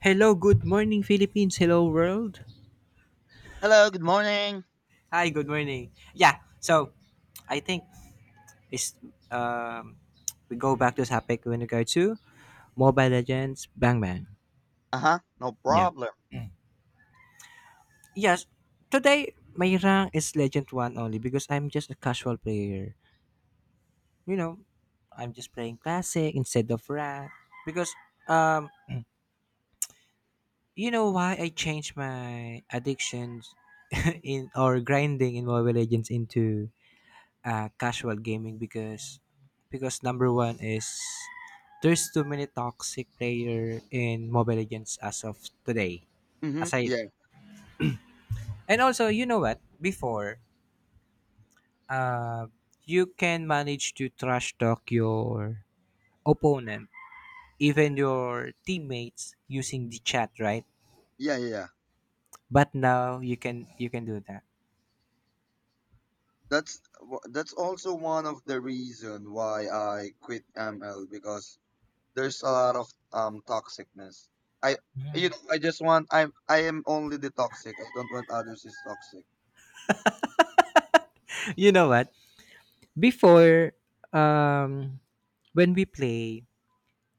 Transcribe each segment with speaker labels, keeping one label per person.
Speaker 1: Hello, good morning, Philippines. Hello, world.
Speaker 2: Hello, good morning.
Speaker 1: Hi, good morning. Yeah, so I think it's um we go back to topic when in go to Mobile Legends Bang Bang.
Speaker 2: Uh huh. No
Speaker 1: Yeah.
Speaker 2: problem.
Speaker 1: Yes, today my rank is Legend 1 only because I'm just a casual player. You know, I'm just playing classic instead of rank because um you know why I changed my addictions in or grinding in Mobile Legends into casual gaming because number one is there's too many toxic player in Mobile Legends as of today.
Speaker 2: Mm-hmm.
Speaker 1: Aside
Speaker 2: Yeah,
Speaker 1: and also you know what before uh you can manage to trash talk your opponent even your teammates using the chat, right?
Speaker 2: yeah, yeah, yeah.
Speaker 1: But now you can do that.
Speaker 2: That's also one of the reason why I quit ML because there's a lot of toxicness. I you know I just want I am only the toxic. I don't want others is toxic.
Speaker 1: You know what before, um when we play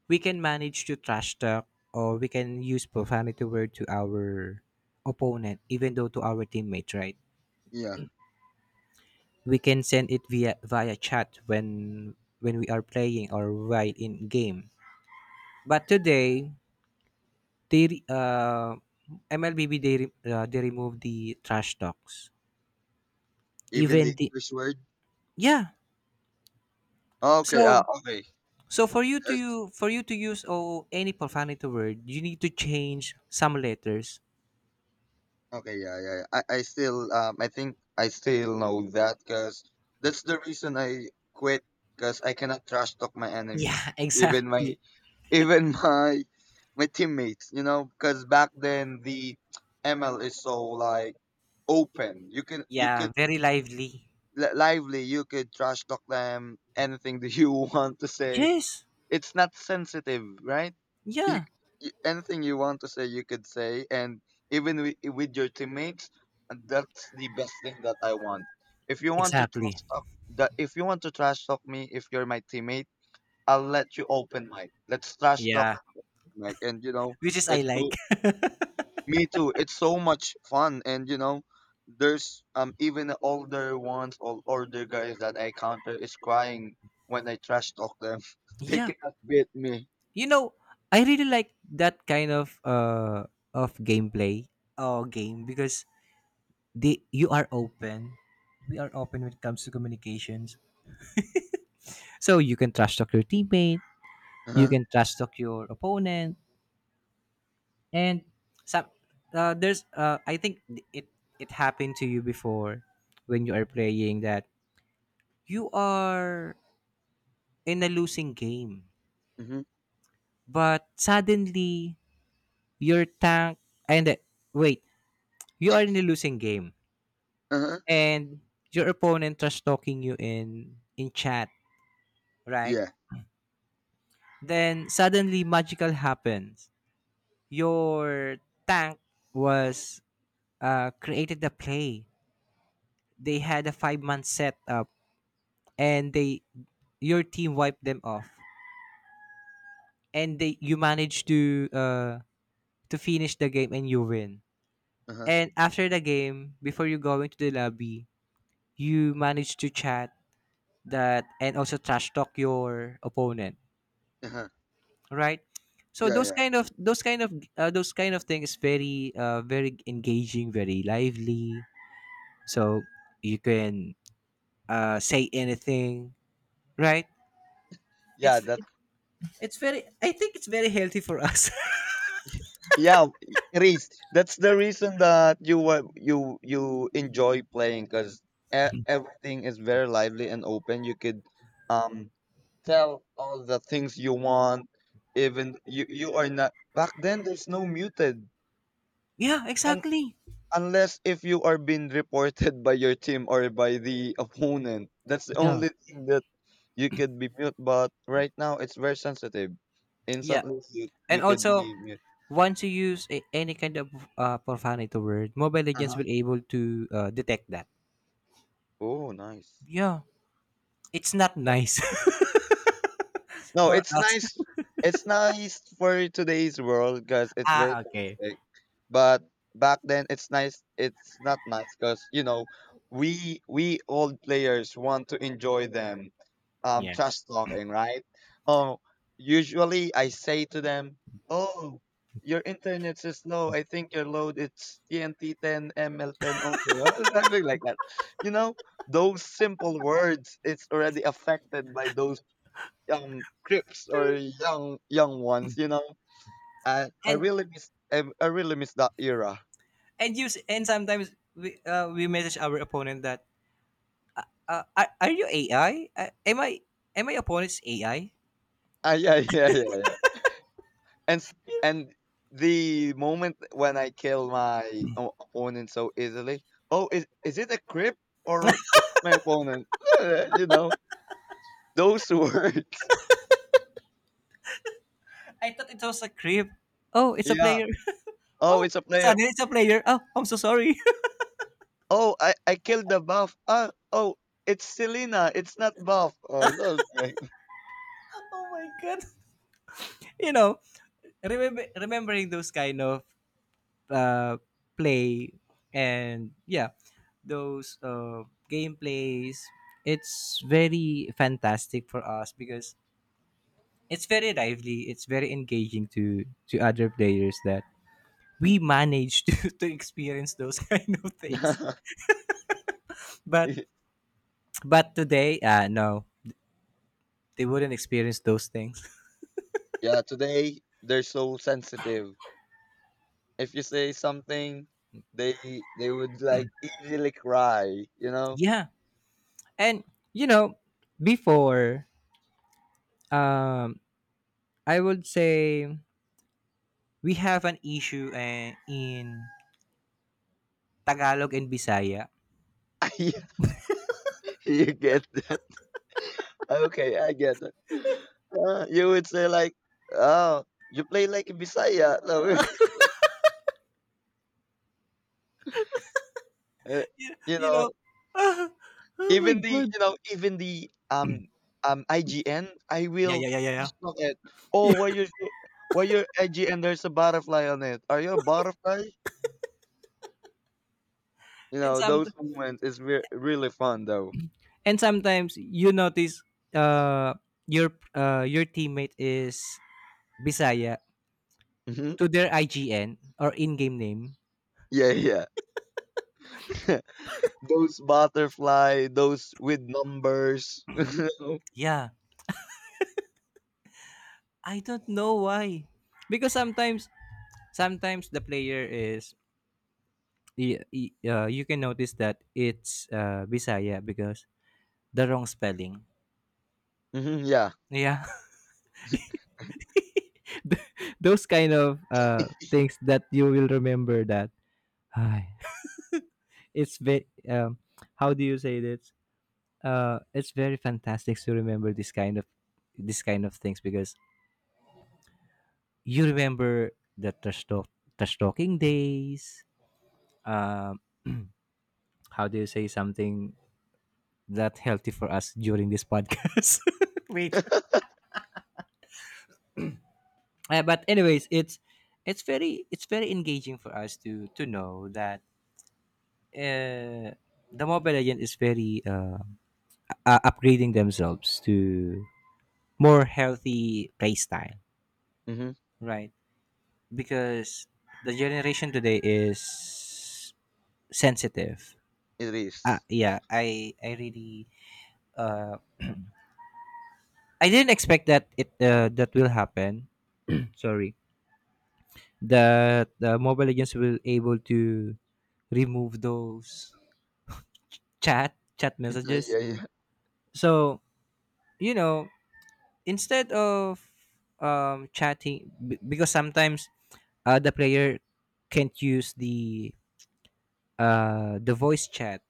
Speaker 1: we can manage to trash talk or we can use profanity word to our opponent, even though to our teammate, right?
Speaker 2: Yeah,
Speaker 1: We can send it via chat when we are playing or while in game. But today they mlbb they they remove the trash talks
Speaker 2: even the
Speaker 1: even the
Speaker 2: curse word.
Speaker 1: yeah.
Speaker 2: Okay,
Speaker 1: So
Speaker 2: okay.
Speaker 1: so for you to for you to use oh, any profanity word you need to change some letters.
Speaker 2: Okay, yeah, yeah, yeah. I still, I think I still know that because that's the reason I quit because I cannot trash talk my enemy,
Speaker 1: Yeah,
Speaker 2: even my,
Speaker 1: exactly.
Speaker 2: even my teammates. You know, because back then the ML is so like open. You can, you
Speaker 1: Yeah,
Speaker 2: could
Speaker 1: very lively.
Speaker 2: lively. You could trash talk them anything that you want to say.
Speaker 1: Yes.
Speaker 2: It's not sensitive, right? You,
Speaker 1: Yeah.
Speaker 2: anything you want to say, you could say, and even with your teammates, and that's the best thing that I want. If you want to
Speaker 1: Exactly.
Speaker 2: trash talk, that if you want to trash talk me, if you're my teammate, I'll let you open mic. Let's trash talk,
Speaker 1: Yeah.
Speaker 2: mic, and you know,
Speaker 1: Which is I
Speaker 2: it's so
Speaker 1: like.
Speaker 2: me too. It's so much fun, and there's even older ones or older guys that I counter is crying when I trash talk them. They
Speaker 1: Yeah.
Speaker 2: cannot beat me.
Speaker 1: You know, I really like that kind of gameplay or game because the you are open. We are open when it comes to communications. So you can trash talk your teammate, you can trash talk your opponent, and some there's I think it it happened to you before when you are playing that you are in a losing game.
Speaker 2: Mm-hmm.
Speaker 1: But suddenly, your tank, and wait, you are in a losing game
Speaker 2: Uh-huh.
Speaker 1: and your opponent trash talking you in chat, right?
Speaker 2: Yeah.
Speaker 1: Then suddenly magical happens. Your tank was created the play. They had a 5 month setup and they your team wiped them off, and they you managed to finish the game and you win.
Speaker 2: Uh-huh.
Speaker 1: And after the game, before you go into the lobby, you manage to chat that and also trash talk your opponent,
Speaker 2: Uh-huh.
Speaker 1: right? So
Speaker 2: Yeah, yeah.
Speaker 1: those kind of thing is very very engaging, very lively. So you can say anything, right?
Speaker 2: Yeah,
Speaker 1: It's
Speaker 2: that
Speaker 1: it's very I think it's very healthy for us.
Speaker 2: yeah, it is. That's the reason that you wa- you enjoy playing cuz everything is very lively and open. You could um tell all the things you want. Even you are not, back then there's no muted
Speaker 1: Yeah, exactly.
Speaker 2: unless if you are being reported by your team or by the opponent. That's the
Speaker 1: Yeah.
Speaker 2: only thing that you could be mute. But right now, it's very sensitive.
Speaker 1: Yeah,
Speaker 2: Instantly, you,
Speaker 1: and
Speaker 2: you could
Speaker 1: also
Speaker 2: be mute.
Speaker 1: once you use a, any kind of profanity word, Mobile Legends
Speaker 2: Uh-huh.
Speaker 1: will able to detect that.
Speaker 2: Oh, nice.
Speaker 1: Yeah, it's not
Speaker 2: Eh,
Speaker 1: nice
Speaker 2: No,
Speaker 1: for
Speaker 2: it's
Speaker 1: us.
Speaker 2: nice. It's nice for today's world because it's very
Speaker 1: Ah, okay.
Speaker 2: toxic. But back then, it's nice. It's not nice because we old players want to enjoy them
Speaker 1: Yeah.
Speaker 2: trash talking, right? Oh, usually I say to them, "Oh, your internet is slow. I think your load it's TNT 10 ML10 only," or something like that. You know, those simple words it's already affected by those crips or young ones. You know, I I
Speaker 1: And
Speaker 2: really miss I, I really miss that era.
Speaker 1: and use, and sometimes we message our opponent that are you AI? Am I am I opponent's AI?
Speaker 2: Ah, yeah, yeah, yeah, yeah. and s- and the moment when I kill my opponent so easily, oh, is it a crip or it's my opponent? you know those words.
Speaker 1: I thought it was a creep. Oh, it's a
Speaker 2: Yeah.
Speaker 1: player.
Speaker 2: Oh,
Speaker 1: Oh,
Speaker 2: it's a player.
Speaker 1: suddenly it's a player. Oh, I'm so sorry.
Speaker 2: Oh, I killed the buff. Ah, oh, it's Selena. It's not buff. Oh, that's great.
Speaker 1: Oh my god. You know, remembering those kind of uh, play and yeah those gameplays it's very fantastic for us because it's very lively, it's very engaging to other players that we manage to, to experience those kind of things, but but today no they wouldn't experience those things.
Speaker 2: Yeah. Today they're so sensitive. If you say something, they they would like easily cry. You know.
Speaker 1: Yeah, and you know before, um I would say we have an issue in Tagalog and Bisaya.
Speaker 2: You get that. Okay, I get it. You would say like, "Oh, you play like a Bisaya." No, Uh,
Speaker 1: You
Speaker 2: you
Speaker 1: you
Speaker 2: know,
Speaker 1: know, ah, oh my
Speaker 2: even the
Speaker 1: god.
Speaker 2: you know even the IGN, I
Speaker 1: Yeah,
Speaker 2: will
Speaker 1: yeah, yeah, yeah, yeah.
Speaker 2: just look at.
Speaker 1: Yeah.
Speaker 2: Oh, why your IGN? There's a butterfly on it. Are you a butterfly? You
Speaker 1: And
Speaker 2: know,
Speaker 1: some
Speaker 2: those moments is really fun though.
Speaker 1: and sometimes you notice uh your teammate is Bisaya
Speaker 2: Hmm.
Speaker 1: to their IGN or in-game name.
Speaker 2: Yeah, yeah. Those butterfly, those with numbers. You know?
Speaker 1: Yeah. I don't know why. Because sometimes the player is you can notice that it's Bisaya because the wrong spelling.
Speaker 2: Mhm, yeah.
Speaker 1: Yeah. Those kind of things that you will remember that, "Ay, it's how do you say this it's very fantastic to remember this kind of things because you remember the trash, talk, trash talking days um, how do you say something that healthy for us during this podcast wait. But anyways it's it's very engaging for us to know that uh, the Mobile Legend is very upgrading themselves to more healthy playstyle,
Speaker 2: Hmm.
Speaker 1: right? Because the generation today is sensitive.
Speaker 2: It is. Yeah.
Speaker 1: Yeah, I really uh, I didn't expect that it that will happen. Sorry, that the Mobile Legends will able to remove those chat messages.
Speaker 2: Yeah, yeah.
Speaker 1: So you know instead of chatting because sometimes the player can't use the voice chat,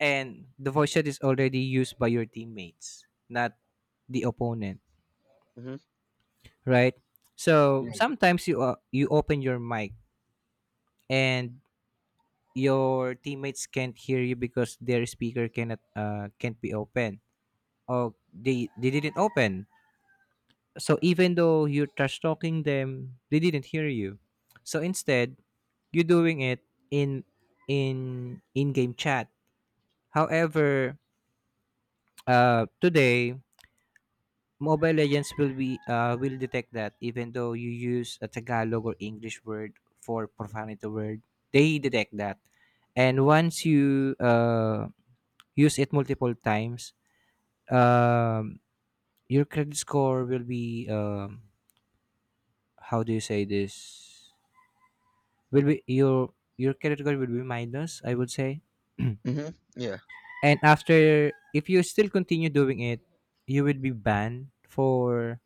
Speaker 1: and the voice chat is already used by your teammates, not the opponent,
Speaker 2: Hmm.
Speaker 1: right? So
Speaker 2: Yeah.
Speaker 1: sometimes you you open your mic and your teammates can't hear you because their speaker cannot can't be open, or they didn't open, so even though you're trash talking them they didn't hear you. So instead you are doing it in in-game chat. However, today Mobile Legends will be will detect that, even though you use a Tagalog or English word for profanity word, they detect that. And once you use it multiple times, um, your credit score will be how do you say this? Will be your credit score will be minus, I would say.
Speaker 2: Hmm. Yeah.
Speaker 1: And after, if you still continue doing it, you will be banned for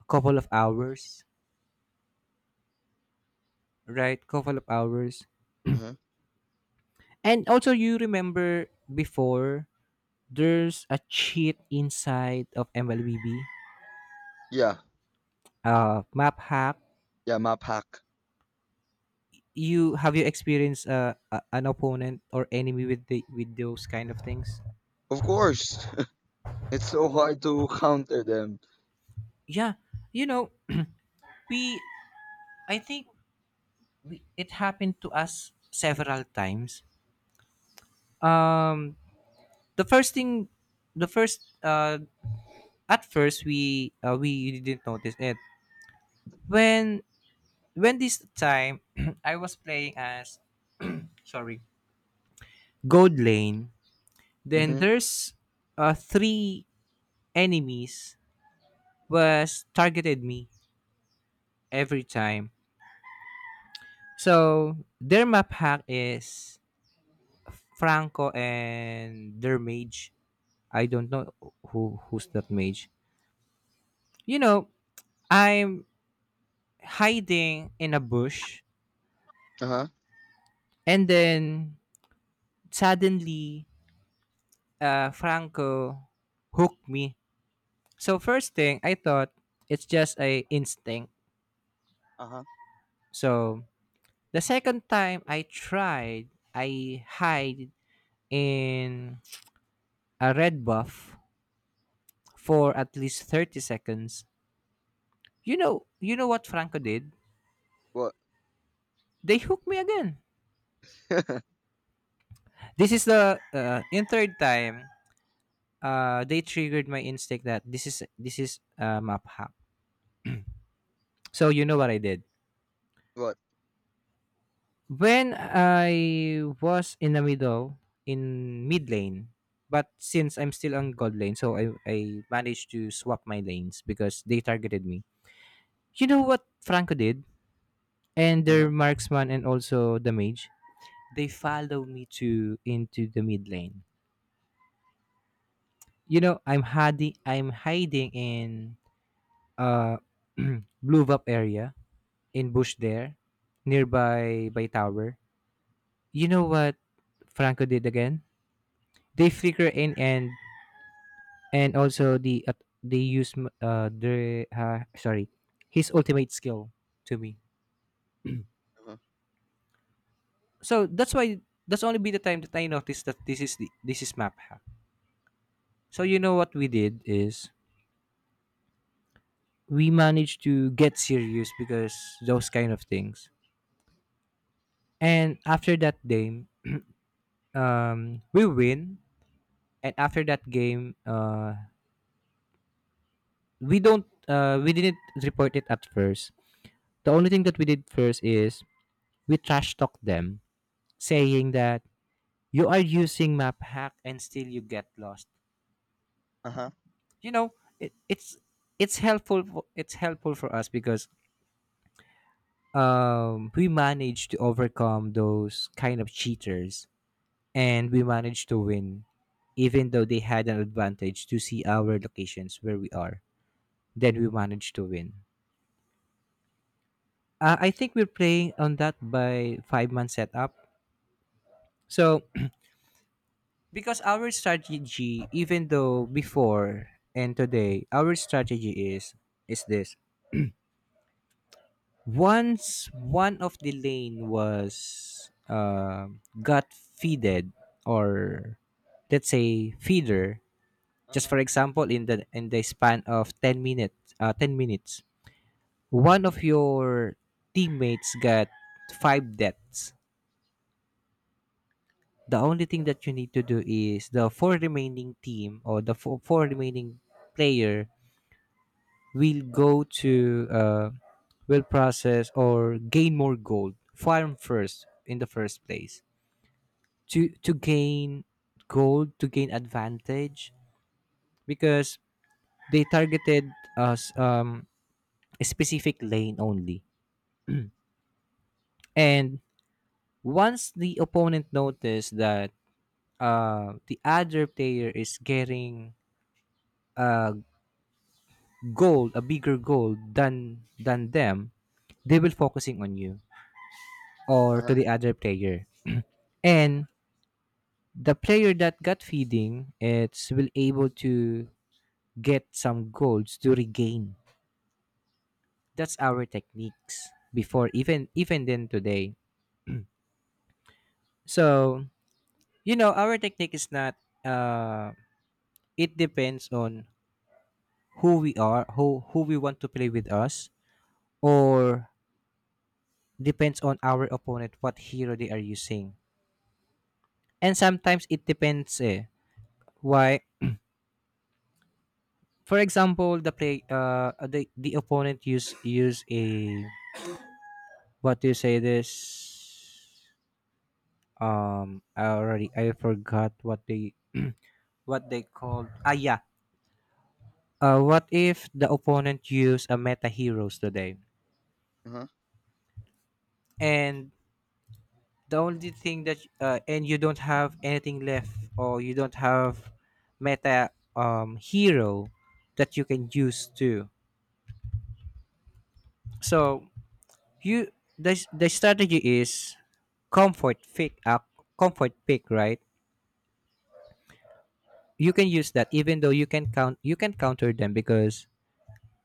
Speaker 1: a couple of hours, right? Couple of hours.
Speaker 2: Hmm.
Speaker 1: And also, you remember before there's a cheat inside of MLBB,
Speaker 2: Yeah.
Speaker 1: map hack.
Speaker 2: Yeah, my pack.
Speaker 1: You have you experienced an opponent or enemy with the with those kind of things?
Speaker 2: Of course. It's so hard to counter them.
Speaker 1: Yeah, you know, we I think we, it happened to us several times. Um, the first thing the first, at first we didn't notice it when this time I was playing as sorry gold lane, then
Speaker 2: Hmm.
Speaker 1: there's three enemies was targeted me every time. So their map hack is franco and their mage, I don't know who's that mage. You know, I'm hiding in a bush,
Speaker 2: Uh-huh.
Speaker 1: and then suddenly Franco hooked me. So first thing I thought it's just a instinct.
Speaker 2: Uh-huh.
Speaker 1: So the second time I tried, I hide in a red buff for at least 30 seconds. You know, what Franco did?
Speaker 2: What?
Speaker 1: They hooked me again. This is the in third time they triggered my instinct that this is a map hack. So you know what I did?
Speaker 2: What?
Speaker 1: When I was in the middle, in mid lane, but since I'm still on gold lane, so I, managed to swap my lanes because they targeted me. You know what Franco did? And their
Speaker 2: Uh-huh.
Speaker 1: marksman and also the mage, they follow me to into the mid lane. You know, I'm hiding in uh blue up area in bush there, nearby by tower. You know what Franco did again? They flicker in, and also the they use m- the sorry his ultimate skill to me.
Speaker 2: Uh-huh.
Speaker 1: So that's why that's only be the time that I noticed that this is map hack. So you know what we did is we managed to get serious because those kind of things. And after that game we win. And after that game we don't we didn't report it at first. The only thing that we did first is we trash talked them, saying that you are using map hack and still you get lost.
Speaker 2: Uh-huh.
Speaker 1: You know, it's it's helpful for us because we managed to overcome those kind of cheaters and we managed to win even though they had an advantage to see our locations where we are. Then we managed to win. I think we're playing on that by five man setup. So because our strategy, even though before and today, our strategy is this: once one of the lane was got feeded, or let's say feeder, just
Speaker 2: Uh-huh.
Speaker 1: for example in the span of 10 minutes, one of your teammates got 5 deaths. The only thing that you need to do is the four remaining team or the four remaining player we'll go to will process or gain more gold farm first in the first place to gain gold to gain advantage because they targeted us a specific lane only. And once the opponent noticed that the other player is getting uh, gold, a bigger gold than them, they will focusing on you or
Speaker 2: Uh-huh.
Speaker 1: to the other player. And the player that got feeding it's will able to get some golds to regain. That's our techniques before, even then today. So you know our technique is not uh it depends on who we are, who we want to play with us, or depends on our opponent, what hero they are using. And sometimes it depends eh, why? For example, the play the opponent use a, what do you say this, I forgot what they, what they called, ah yeah. Uh, what if the opponent use a meta heroes today
Speaker 2: Uh-huh.
Speaker 1: and the only thing that and you don't have anything left or you don't have meta hero that you can use too. So you, the strategy is comfort pick up, comfort pick, right? You can use that even though you can count you can counter them because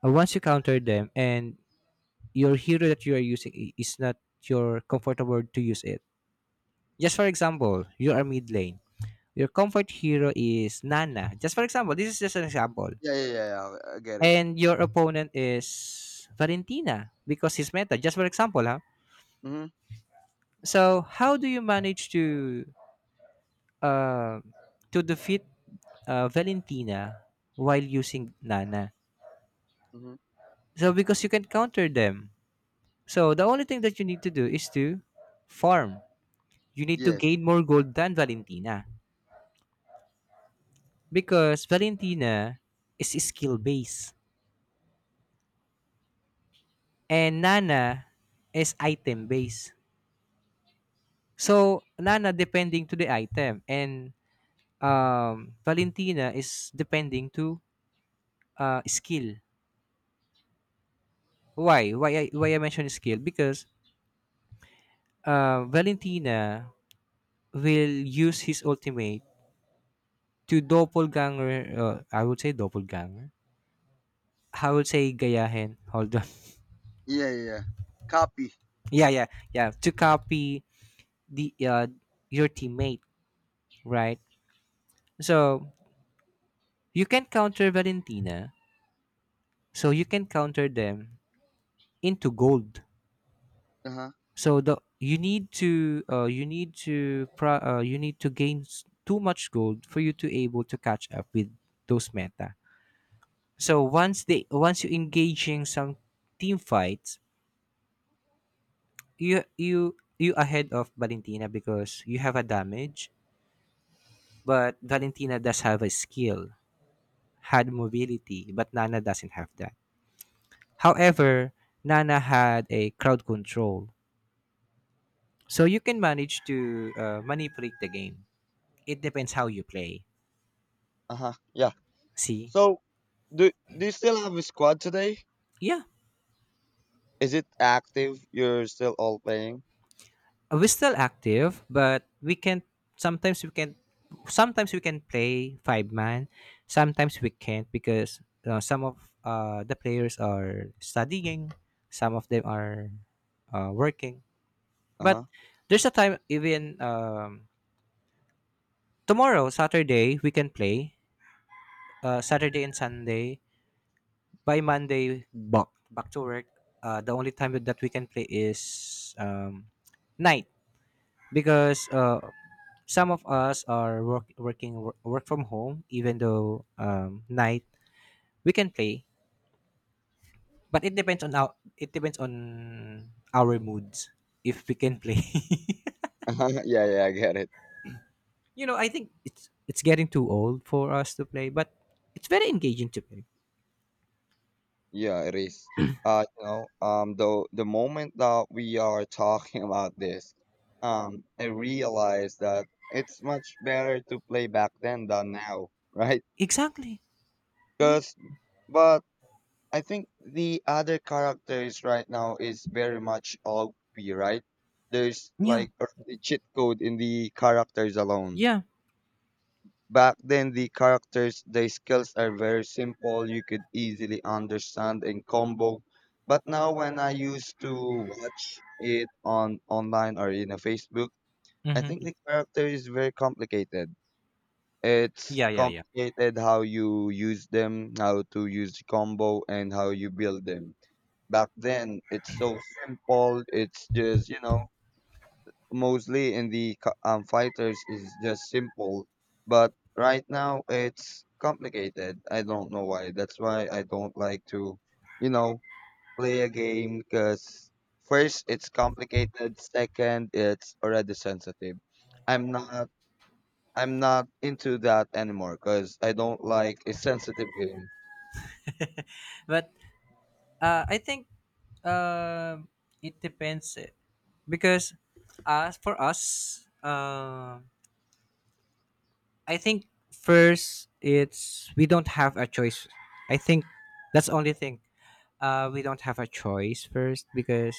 Speaker 1: once you counter them and your hero that you are using is not your comfortable to use it. Just for example, you are mid lane, your comfort hero is Nana, just for example, this is just an example.
Speaker 2: Yeah, yeah, yeah, yeah. I get it.
Speaker 1: And your opponent is Valentina because he's meta, just for example, huh?
Speaker 2: Hmm.
Speaker 1: So how do you manage uh, to defeat Valentina while using Nana?
Speaker 2: Hmm.
Speaker 1: So because you can counter them. So the only thing that you need to do is to farm. You need to
Speaker 2: Yes.
Speaker 1: gain more gold than Valentina because Valentina is skill based and Nana is item based. So Nana depending to the item and Valentina is depending to skill. Why? Why I mention skill? Because Valentina will use his ultimate to doppelganger. I would say doppelganger, how would say gayahin. Hold on.
Speaker 2: Yeah, yeah, yeah. Copy.
Speaker 1: Yeah, yeah, yeah. To copy the your teammate, right? So you can counter Valentina. So you can counter them into gold.
Speaker 2: Uh-huh.
Speaker 1: So the you need to you need to you need to gain too much gold for you to able to catch up with those meta. So once they, once you engaging some team fights, you ahead of Valentina because you have a damage. But Valentina does have a skill, had mobility, but Nana doesn't have that. However, Nana had a crowd control. So you can manage to manipulate the game. It depends how you play.
Speaker 2: Uh-huh. Yeah.
Speaker 1: See?
Speaker 2: So, do do you still have a squad today?
Speaker 1: Yeah.
Speaker 2: Is it active? You're still all playing?
Speaker 1: We're still active, but we can, sometimes we can, sometimes we can play five-man, sometimes we can't because some of the players are studying, some of them are working. But
Speaker 2: Uh-huh.
Speaker 1: there's a time even tomorrow, Saturday, we can play. Saturday and Sunday. By Monday, back to work. The only time that we can play is um, night because some of us are work from home. Even though night we can play, but it depends on our, it depends on our moods if we can play.
Speaker 2: Uh-huh. Yeah, yeah, I get it.
Speaker 1: I think it's getting too old for us to play, but it's very engaging to play.
Speaker 2: Yeah, it is. The moment that we are talking about this, I realized that it's much better to play back then than now, right?
Speaker 1: Exactly. Yeah.
Speaker 2: Because, but I think the other characters right now is very much OP, right? There's
Speaker 1: Yeah.
Speaker 2: like already cheat code in the characters alone.
Speaker 1: Yeah.
Speaker 2: Back then, the characters, the skills are very simple. You could easily understand and combo. But now, when I used to watch it on online or in a Facebook, I
Speaker 1: Hmm.
Speaker 2: think the character is very complicated. It's
Speaker 1: Yeah. Yeah. Yeah.
Speaker 2: complicated how you use them, how to use the combo, and how you build them. Back then, it's so simple. It's just mostly in the fighters is just simple, but right now it's complicated. I don't know why. That's why I don't like to, you know, play a game because first it's complicated, second it's already sensitive. I'm not I'm not into that anymore because I don't like a sensitive game.
Speaker 1: But I think um it depends eh, because for us, I think first it's we don't have a choice. I think that's the only thing. We don't have a choice first because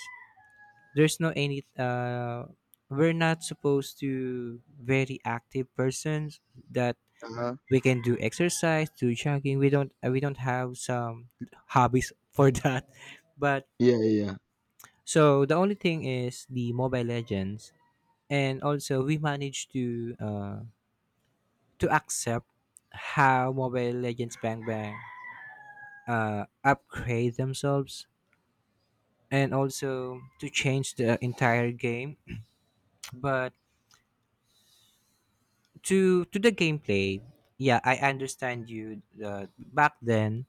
Speaker 1: there's no any we're not supposed to very active persons that
Speaker 2: Uh huh.
Speaker 1: we can do exercise, do jogging. We don't we don't have some hobbies for that. But
Speaker 2: Yeah, yeah.
Speaker 1: so the only thing is the Mobile Legends. And also we managed to accept how Mobile Legends Bang Bang upgrade themselves and also to change the entire game, but to the gameplay. Yeah, I understand you. Uh, back then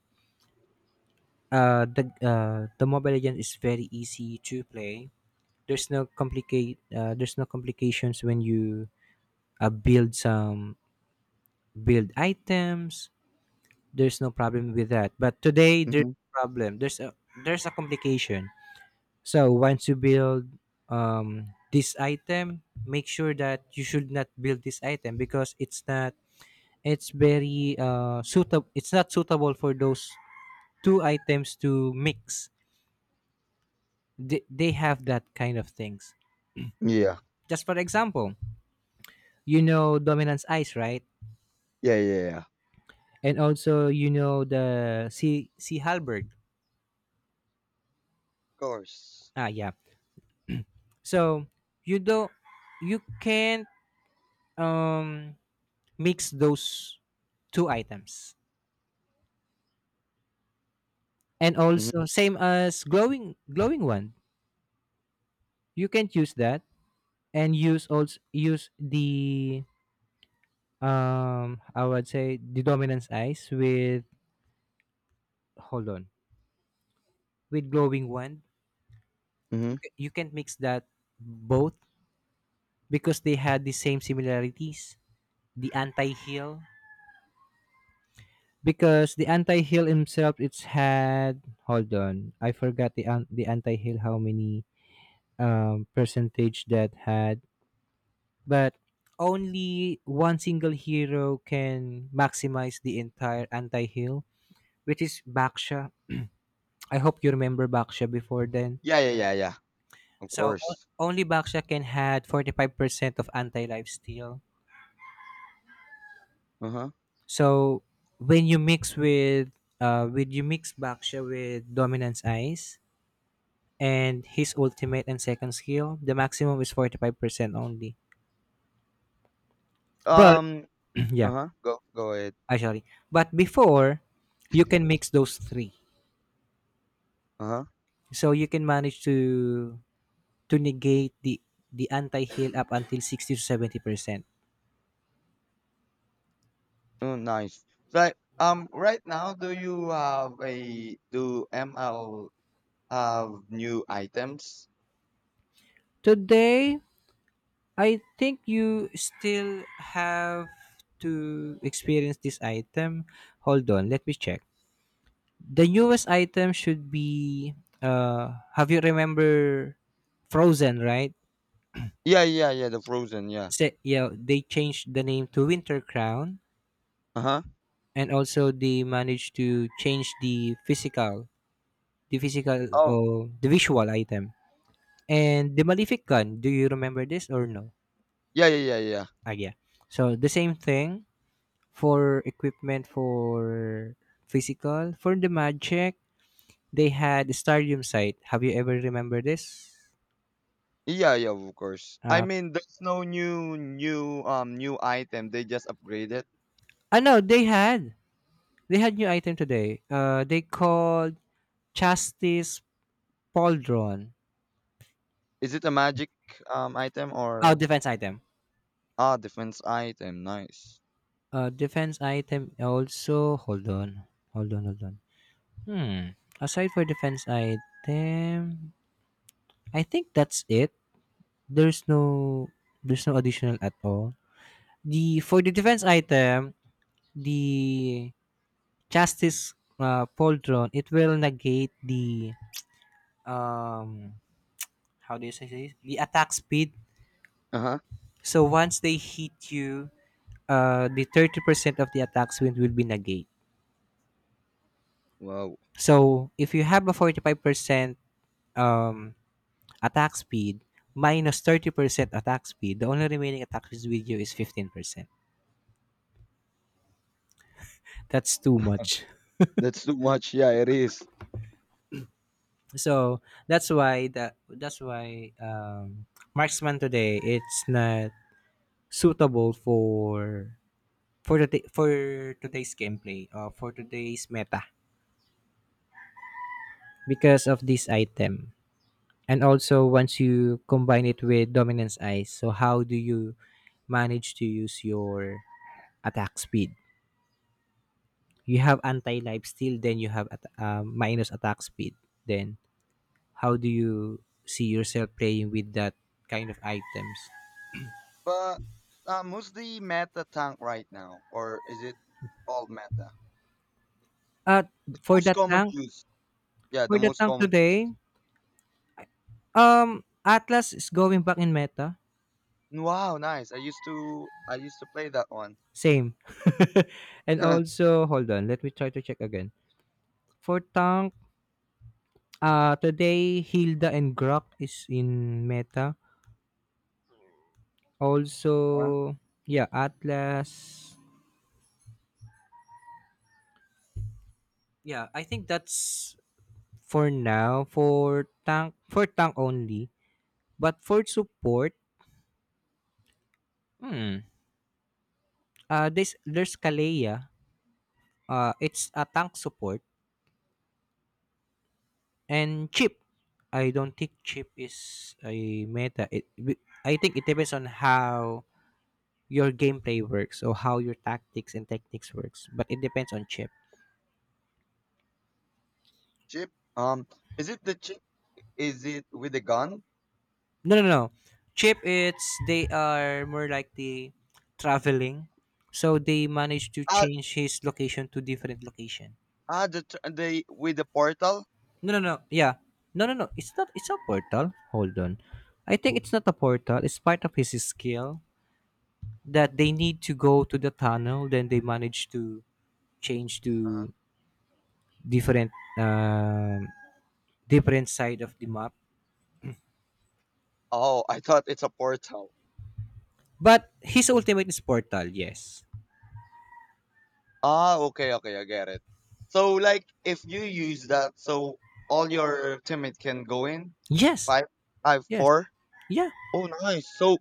Speaker 1: the Mobile Legend is very easy to play. There's no complications when you build some, build items. There's no problem with that, but today there's
Speaker 2: Mm-hmm.
Speaker 1: a problem, there's a, there's a complication. So once you build um this item, make sure that you should not build this item because it's not, it's very suitable, it's not suitable for those two items to mix. They have that kind of things.
Speaker 2: Yeah.
Speaker 1: Just for example, you know Dominance Ice, right?
Speaker 2: Yeah, yeah, yeah.
Speaker 1: And also you know the C C Halberd.
Speaker 2: Of course.
Speaker 1: Ah yeah. So you don't, you can't um mix those two items. And
Speaker 2: Mm-hmm.
Speaker 1: also same as glowing one, you can't use that and use also use the, um, I would say the Dominance Ice with, hold on, with Glowing Wand. You
Speaker 2: Mm-hmm.
Speaker 1: can, you can't mix that both because they had the same similarities. The anti heal, because the anti heal himself, it's had, hold on, I forgot the the anti heal how many percentage that had. But only one single hero can maximize the entire anti heal, which is Baksha. I hope you remember Baksha before then.
Speaker 2: Yeah, yeah, yeah, yeah. Of
Speaker 1: So
Speaker 2: course.
Speaker 1: only Baksha can had 45% of anti-life steal.
Speaker 2: Uh huh.
Speaker 1: So when you mix with when you mix Baksha with Dominance Ice and his ultimate and second skill, the maximum is 45% only. But
Speaker 2: Um,
Speaker 1: yeah,
Speaker 2: uh-huh. Go ahead.
Speaker 1: actually. But before, you can mix those three.
Speaker 2: Uh-huh.
Speaker 1: So you can manage to negate the anti-heal up until 60 to 70%.
Speaker 2: Oh, nice. Like, right now, do ML have new items?
Speaker 1: Today I think you still have to experience this item. Hold on, let me check. The newest item should be have you remember Frozen, right?
Speaker 2: Yeah, yeah, yeah. The frozen. Yeah.
Speaker 1: Yeah, they changed the name to Winter Crown.
Speaker 2: Uh-huh.
Speaker 1: And also they managed to change the physical
Speaker 2: Oh,
Speaker 1: or the visual item. And the Malefic gun, do you remember this or no?
Speaker 2: yeah, yeah, yeah, yeah.
Speaker 1: Ah yeah. So the same thing for equipment for physical, for the magic, they had the stadium site, have you ever remember this?
Speaker 2: Yeah, yeah, of course. I
Speaker 1: Uh,
Speaker 2: mean, there's no new item. They just upgrade it.
Speaker 1: I know they had, they had new item today, uh, they called Justice Pauldron.
Speaker 2: Is it a magic item
Speaker 1: Oh,
Speaker 2: or
Speaker 1: defense item.
Speaker 2: defense item? Nice.
Speaker 1: Uh, defense item also. Hold on hold on. Hmm. Aside for defense item, I think that's it. There's no, there's no additional at all. The, for the defense item, the Justice Poltron, it will negate the um how do you say this, the attack speed.
Speaker 2: Uh-huh.
Speaker 1: So once they hit you, the 30% of the attack speed will be negate.
Speaker 2: Wow.
Speaker 1: So if you have a 45% um attack speed, 30% attack speed, the only remaining attack speed with you is 15%. That's too much.
Speaker 2: That's too much. Yeah, it is.
Speaker 1: So that's why, marksman today it's not suitable for, for today's gameplay, for today's meta, because of this item. And also once you combine it with Dominance Ice, so how do you manage to use your attack speed? You have anti life steal, then you have minus attack speed, then how do you see yourself playing with that kind of items?
Speaker 2: But who's the meta tank right now, or is it all meta?
Speaker 1: Uh,
Speaker 2: The
Speaker 1: for
Speaker 2: most
Speaker 1: that
Speaker 2: common
Speaker 1: tank,
Speaker 2: use. Yeah,
Speaker 1: for
Speaker 2: the
Speaker 1: the
Speaker 2: most
Speaker 1: tank
Speaker 2: common use.
Speaker 1: today, Atlas is going back in meta.
Speaker 2: Wow, nice. I used to play that one.
Speaker 1: Same. And also, hold on, let me try to check again. For tank, today Hilda and Grok is in meta.
Speaker 2: Huh?
Speaker 1: Also, yeah, Atlas. Yeah, I think that's for now for tank, for tank only. But for support, hmm, this there's Kaleya. Uh, it's a tank support. And Chip. I don't think Chip is a meta. It, I think it depends on how your gameplay works or how your tactics and techniques works, but it depends on Chip.
Speaker 2: Chip. Is it the chip? Is it with the gun?
Speaker 1: No, no. Chip, it's they are more like the traveling, so they manage to
Speaker 2: Ah,
Speaker 1: change his location to different location.
Speaker 2: the the with the portal.
Speaker 1: No, yeah, no, it's not, it's a portal, hold on. I think it's not a portal, it's part of his skill, that they need to go to the tunnel, then they manage to change to different um different side of the map.
Speaker 2: Oh, I thought it's a portal.
Speaker 1: But his ultimate is Portal, yes.
Speaker 2: Ah, okay, okay, I get it. So like, if you use that, so all your teammate can go in.
Speaker 1: Yes.
Speaker 2: Five, five,
Speaker 1: Yes.
Speaker 2: four.
Speaker 1: Yeah.
Speaker 2: Oh, nice. So,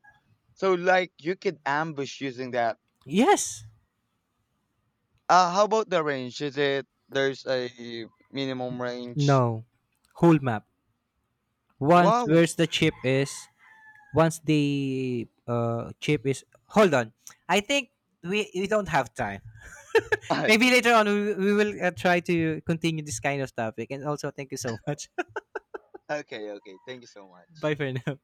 Speaker 2: so like you could ambush using that.
Speaker 1: Yes.
Speaker 2: How about the range? Is it there's a minimum range?
Speaker 1: No. Whole map. Once
Speaker 2: Wow.
Speaker 1: where's the Chip is, once the Chip is, hold on. I think we don't have time.
Speaker 2: Okay,
Speaker 1: Maybe later on we will try to continue this kind of topic. And also thank you so much.
Speaker 2: okay. Thank you so much.
Speaker 1: Bye for now.